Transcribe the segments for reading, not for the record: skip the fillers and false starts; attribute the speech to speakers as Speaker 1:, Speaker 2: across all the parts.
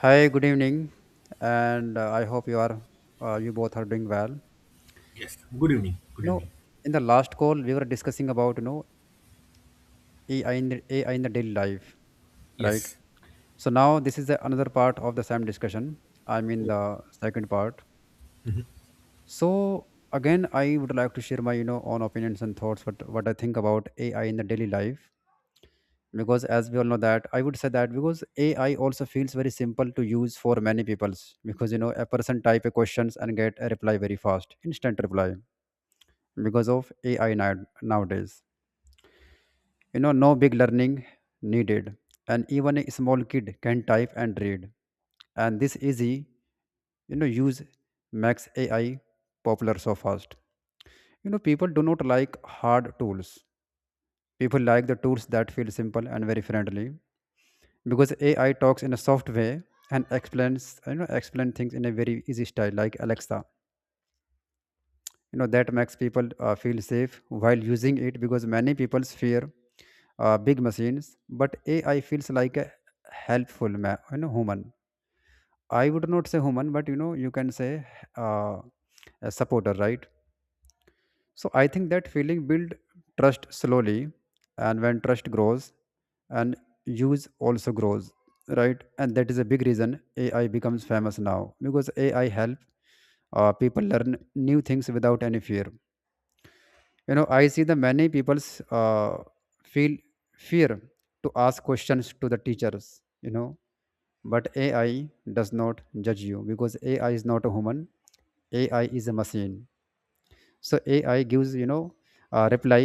Speaker 1: Hi, good evening, and I hope you are you both are doing well. You
Speaker 2: Yes. Good evening. Good
Speaker 1: know,
Speaker 2: evening.
Speaker 1: in the last call we were discussing about AI in AI in the daily life, right?
Speaker 2: Yes.
Speaker 1: So now this is another part of the same discussion. I mean
Speaker 2: Oh.
Speaker 1: the second part.
Speaker 2: Mhm.
Speaker 1: So again, I would like to share my own opinions and thoughts what I think about AI in the daily life because as we all know that I would say that because AI also feels very simple to use for many peoples because you know a person type a questions and get a reply very fast instant reply because of ai nowadays, you know, no big learning needed, and even a small kid can type and read, and this easy use max ai popular so fast. You know, people do not like hard tools. People like the tools that feel simple and very friendly because AI talks in a soft way and explains you know explain things in a very easy style like Alexa. You know that makes people feel safe while using it because many people fear big machines, but AI feels like a helpful human. I would not say human, but you know you can say uh, a supporter, right? So I think that feeling build trust slowly, and when trust grows, and use also grows, right? And that is a big reason AI becomes famous now because AI help people learn new things without any fear. You know, I see the many people's feel fear to ask questions to the teachers. You know, but AI does not judge you because AI is not a human. AI is a machine, so ai gives you know a reply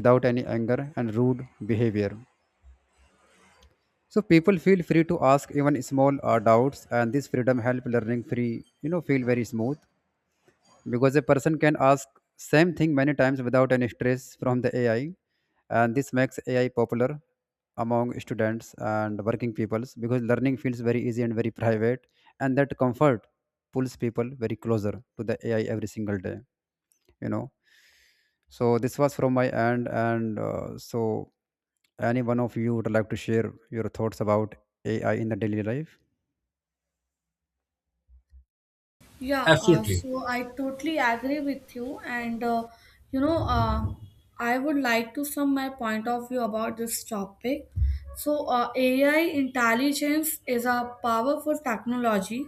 Speaker 1: without any anger and rude behavior, so people feel free to ask even small doubts, and this freedom help learning free you know feel very smooth because a person can ask same thing many times without any stress from the ai, and this makes ai popular among students and working peoples because learning feels very easy and very private, and that comfort pulls people very closer to the ai every single day, you know. So this was from my end, and so any one of you would like to share your thoughts about AI in the daily life?
Speaker 3: Yeah, uh,
Speaker 2: Absolutely.
Speaker 3: so I totally agree with you, and you know, uh, I would like to sum my point of view about this topic. AI intelligence is a powerful technology,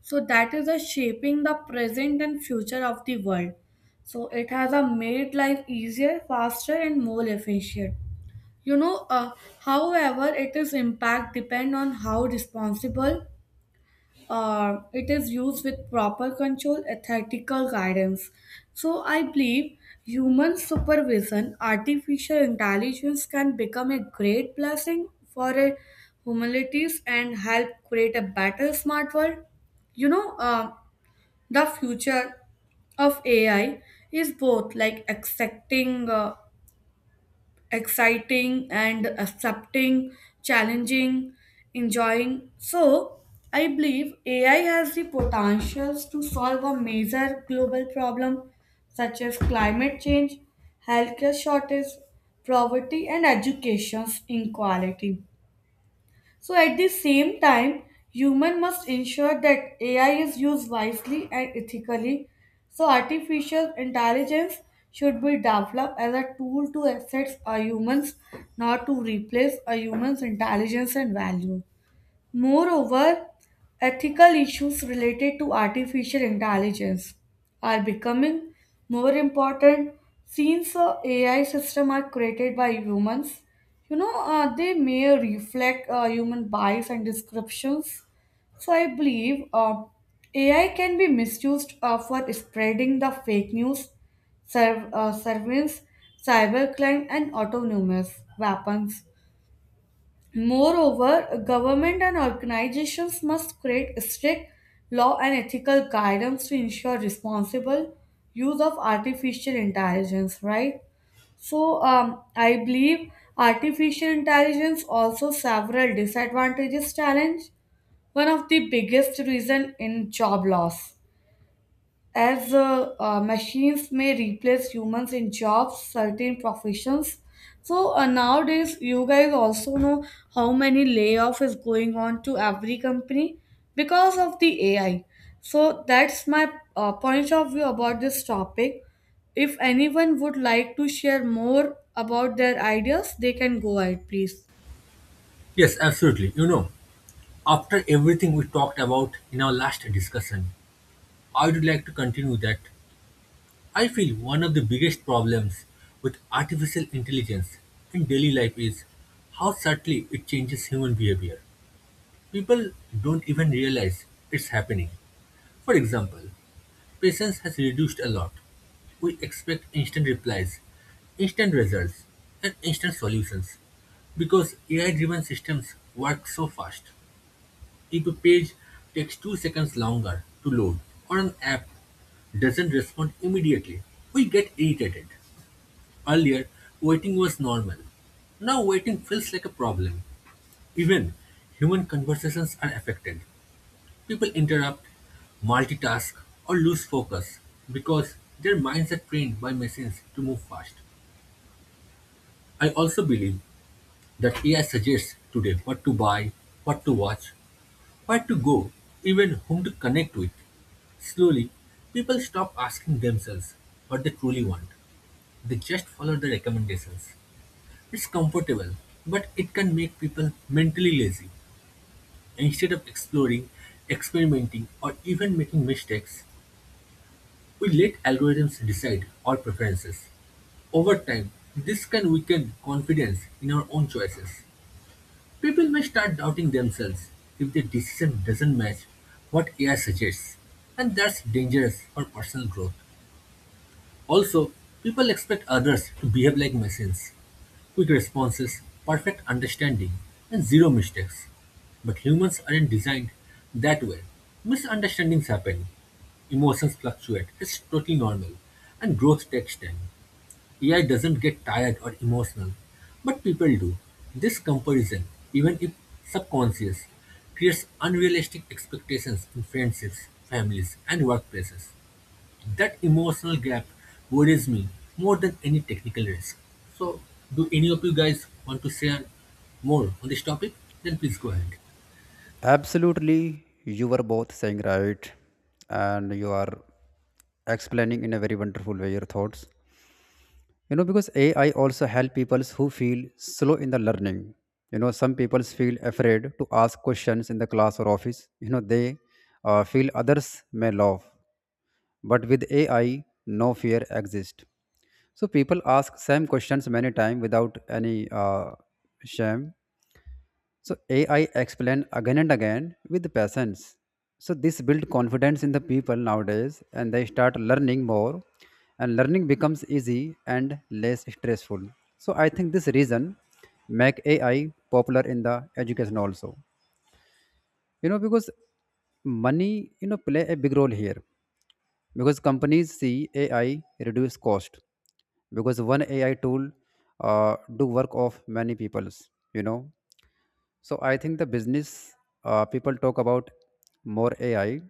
Speaker 3: so that is a shaping the present and future of the world. So, it has a made life easier, faster, and more efficient. You know, uh, however, it is impact depend on how responsible it is used with proper control ethical guidance, so I believe human supervision artificial intelligence can become a great blessing for a humanities and help create a better smart world you know uh, the future of AI is both like accepting exciting and accepting, challenging, enjoying. So, I believe AI has the potentials to solve a major global problem such as climate change, healthcare shortage, poverty, and education's inequality. So at the same time, human must ensure that AI is used wisely and ethically. So artificial intelligence should be developed as a tool to assist a humans, not to replace a human's intelligence and value. Moreover, ethical issues related to artificial intelligence are becoming more important since AI systems are created by humans. They may reflect human bias and descriptions. So I believe AI can be misused for spreading the fake news, surveillance, cybercrime, and autonomous weapons. Moreover, government and organizations must create strict law and ethical guidance to ensure responsible use of artificial intelligence, right? So, I believe artificial intelligence also several disadvantages challenge. One of the biggest reason in job loss. As machines may replace humans in jobs, certain professions. So nowadays, you guys also know how many layoff is going on to every company because of the AI. So that's my point of view about this topic. If anyone would like to share more about their ideas, they can go ahead, please.
Speaker 2: Yes, absolutely. You know, after everything we talked about in our last discussion, I would like to continue that I feel one of the biggest problems with artificial intelligence in daily life is how subtly it changes human behavior. People don't even realize it's happening. For example, patience has reduced a lot. We expect instant replies, instant results, and instant solutions. Because AI driven systems work so fast, if a page takes 2 seconds longer to load or an app doesn't respond immediately, we get irritated. Earlier, waiting was normal. Now, waiting feels like a problem. Even human conversations are affected. People interrupt, multitask, or lose focus because their minds are trained by machines to move fast. I also believe that AI suggests today what to buy, what to watch, where to go, even whom to connect with. Slowly, people stop asking themselves what they truly want. They just follow the recommendations. It's comfortable, but it can make people mentally lazy. Instead of exploring, experimenting, or even making mistakes, we let algorithms decide our preferences. Over time, this can weaken confidence in our own choices. People may start doubting themselves if their decision doesn't match what AI suggests, and that's dangerous for personal growth. Also, people expect others to behave like machines: quick responses, perfect understanding, and zero mistakes. But humans aren't designed that way. Misunderstandings happen, emotions fluctuate, it's totally normal, and growth takes time. AI doesn't get tired or emotional, but people do. This comparison, even if subconscious, creates unrealistic expectations in friendships, families, and workplaces. That emotional gap worries me more than any technical risk. So, do any of you guys want to share more on this topic? Then please go ahead.
Speaker 1: Absolutely, you were both saying right, and you are explaining in a very wonderful way your thoughts. You know, because AI also help people who feel slow in the learning. You know, some people feel afraid to ask questions in the class or office. You know, they feel others may laugh. But with AI, no fear exists. So people ask same questions many times without any shame. So AI explain again and again with patience. So this build confidence in the people nowadays, and they start learning more, and learning becomes easy and less stressful. So I think this reason make AI popular in the education also. You know, because money you know play a big role here because companies see AI reduce cost because one AI tool do work of many people's, you know. So I think the business people talk about more AI,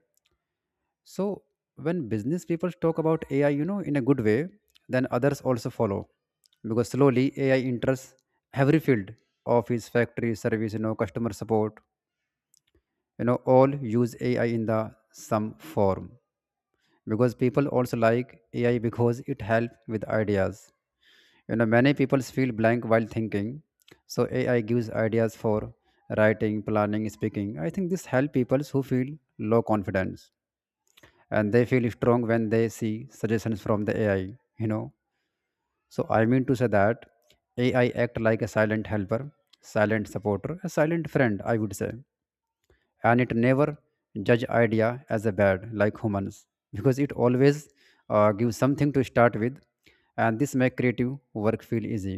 Speaker 1: so when business people talk about AI you know in a good way, then others also follow because slowly AI enters every field, office, factory, service, you know, customer support, you know, all use AI in the some form because people also like ai because it helps with ideas. You know, many people feel blank while thinking, so ai gives ideas for writing, planning, speaking. I think this helps people who feel low confidence, and they feel strong when they see suggestions from the ai, you know. So I mean to say that ai act like a silent helper, silent supporter, a silent friend I would say, and it never judge idea as a bad like humans because it always gives something to start with, and this make creative work feel easy.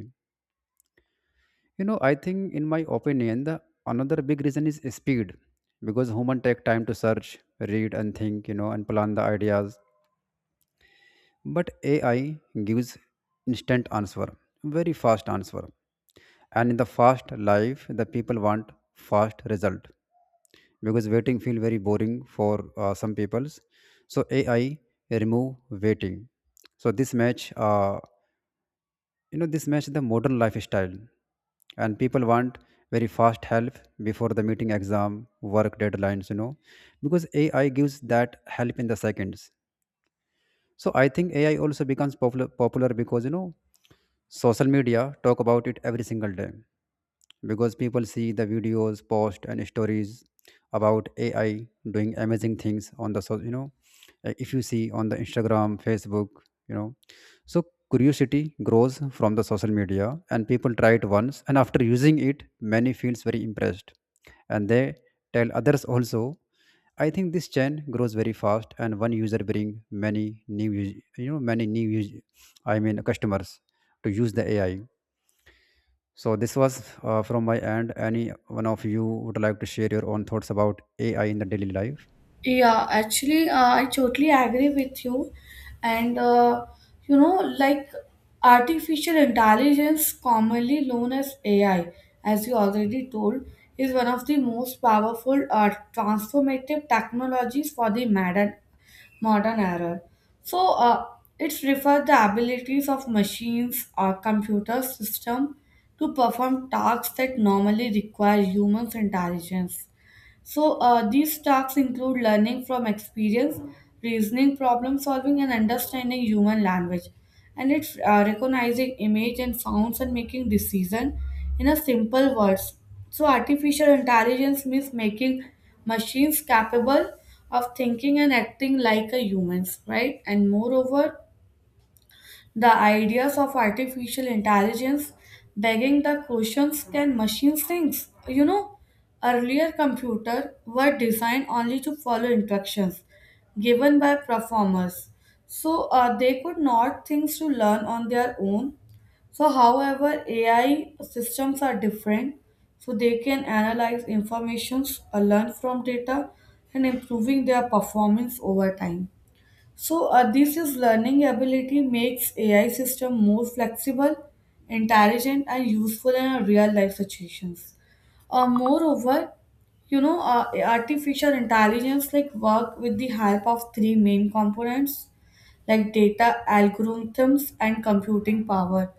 Speaker 1: You know, I think in my opinion the another big reason is speed because human take time to search, read, and think, you know, and plan the ideas, but ai gives instant answer, very fast answer, and in the fast life the people want fast result because waiting feel very boring for some peoples, so ai remove waiting. So this match you know this match the modern lifestyle, and people want very fast help before the meeting, exam, work deadlines, you know, because ai gives that help in the seconds. So I think ai also becomes popular because you know social media talk about it every single day because people see the videos, posts, and stories about AI doing amazing things on the so you know if you see on the Instagram, Facebook, you know. So curiosity grows from the social media, and people try it once, and after using it, many feels very impressed, and they tell others also. I think this chain grows very fast, and one user bring many new, you know, many new, I mean, customers to use the AI. So this was from my end. Any one of you would like to share your own thoughts about AI in the daily life?
Speaker 3: Yeah, actually, I totally agree with you. And like, artificial intelligence, commonly known as AI, as you already told, is one of the most powerful transformative technologies for the modern era. So, it's refers the abilities of machines or computer system to perform tasks that normally require human intelligence, so, these tasks include learning from experience, reasoning, problem solving, and understanding human language. And it's recognizing image and sounds and making decision in a simple words. So, artificial intelligence means making machines capable of thinking and acting like a humans, right? And moreover, the ideas of artificial intelligence begging the questions, can machines think? You know, earlier computers were designed only to follow instructions given by performers. So they could not things to learn on their own. So, however, AI systems are different. So they can analyze information, learn from data, and improving their performance over time. So this is learning ability makes AI system more flexible, intelligent, and useful in a real life situations. Moreover, artificial intelligence like work with the help of 3 main components like data algorithms and computing power,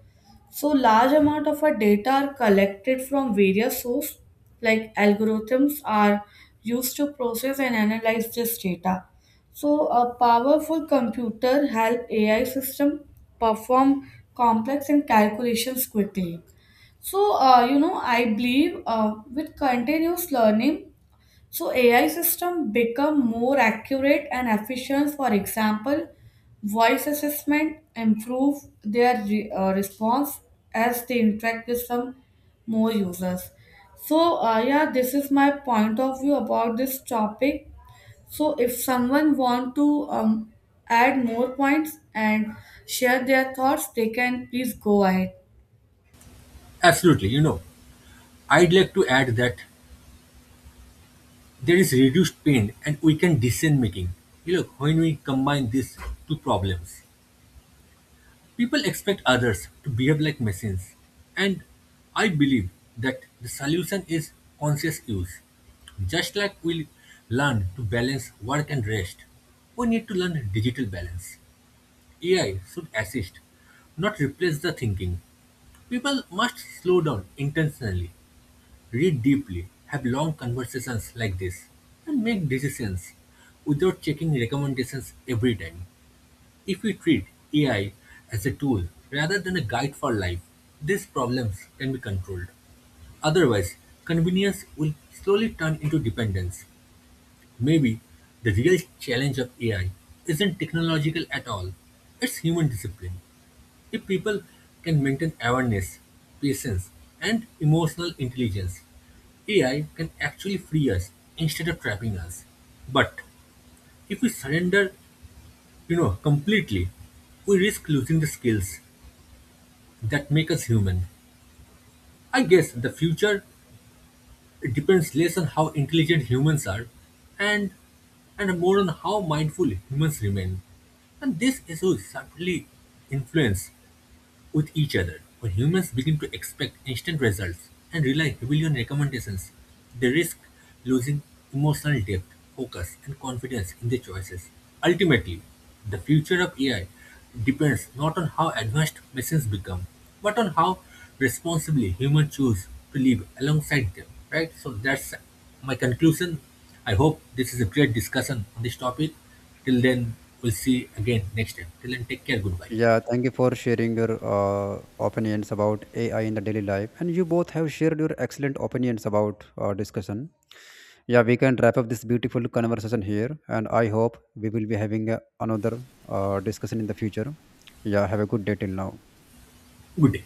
Speaker 3: so large amount of our data are collected from various sources, like algorithms are used to process and analyze this data. So a powerful computer help AI system perform complex and calculations quickly. So I believe with continuous learning, so AI system become more accurate and efficient. For example, voice assessment improve their response as they interact with some more users. So yeah, this is my point of view about this topic. So if someone want to add more points and share their thoughts, they can please go ahead.
Speaker 2: Absolutely, you know, I'd like to add that there is reduced pain and we can decision making. You know, when we combine these two problems. People expect others to behave like machines, and I believe that the solution is conscious use. Just like we learn to balance work and rest, we need to learn digital balance. AI should assist, not replace the thinking. People must slow down intentionally, read deeply, have long conversations like this, and make decisions without checking recommendations every time. If we treat AI as a tool rather than a guide for life, these problems can be controlled. Otherwise, convenience will slowly turn into dependence. Maybe the real challenge of AI isn't technological at all, it's human discipline. If people can maintain awareness, patience, and emotional intelligence, AI can actually free us instead of trapping us. But if we surrender, you know, completely, we risk losing the skills that make us human. I guess the future depends less on how intelligent humans are and more on how mindful humans remain. And these issues certainly influence with each other. When humans begin to expect instant results and rely heavily on recommendations, they risk losing emotional depth, focus, and confidence in their choices. Ultimately, the future of AI depends not on how advanced machines become, but on how responsibly humans choose to live alongside them. Right? So that's my conclusion. I hope this is a great discussion on this topic. Till then, we'll see again next time. Till then, take care. Goodbye.
Speaker 1: Yeah, thank you for sharing your opinions about AI in the daily life. And you both have shared your excellent opinions about our discussion. Yeah, we can wrap up this beautiful conversation here. And I hope we will be having another discussion in the future. Yeah, have a good day till now.
Speaker 2: Good day.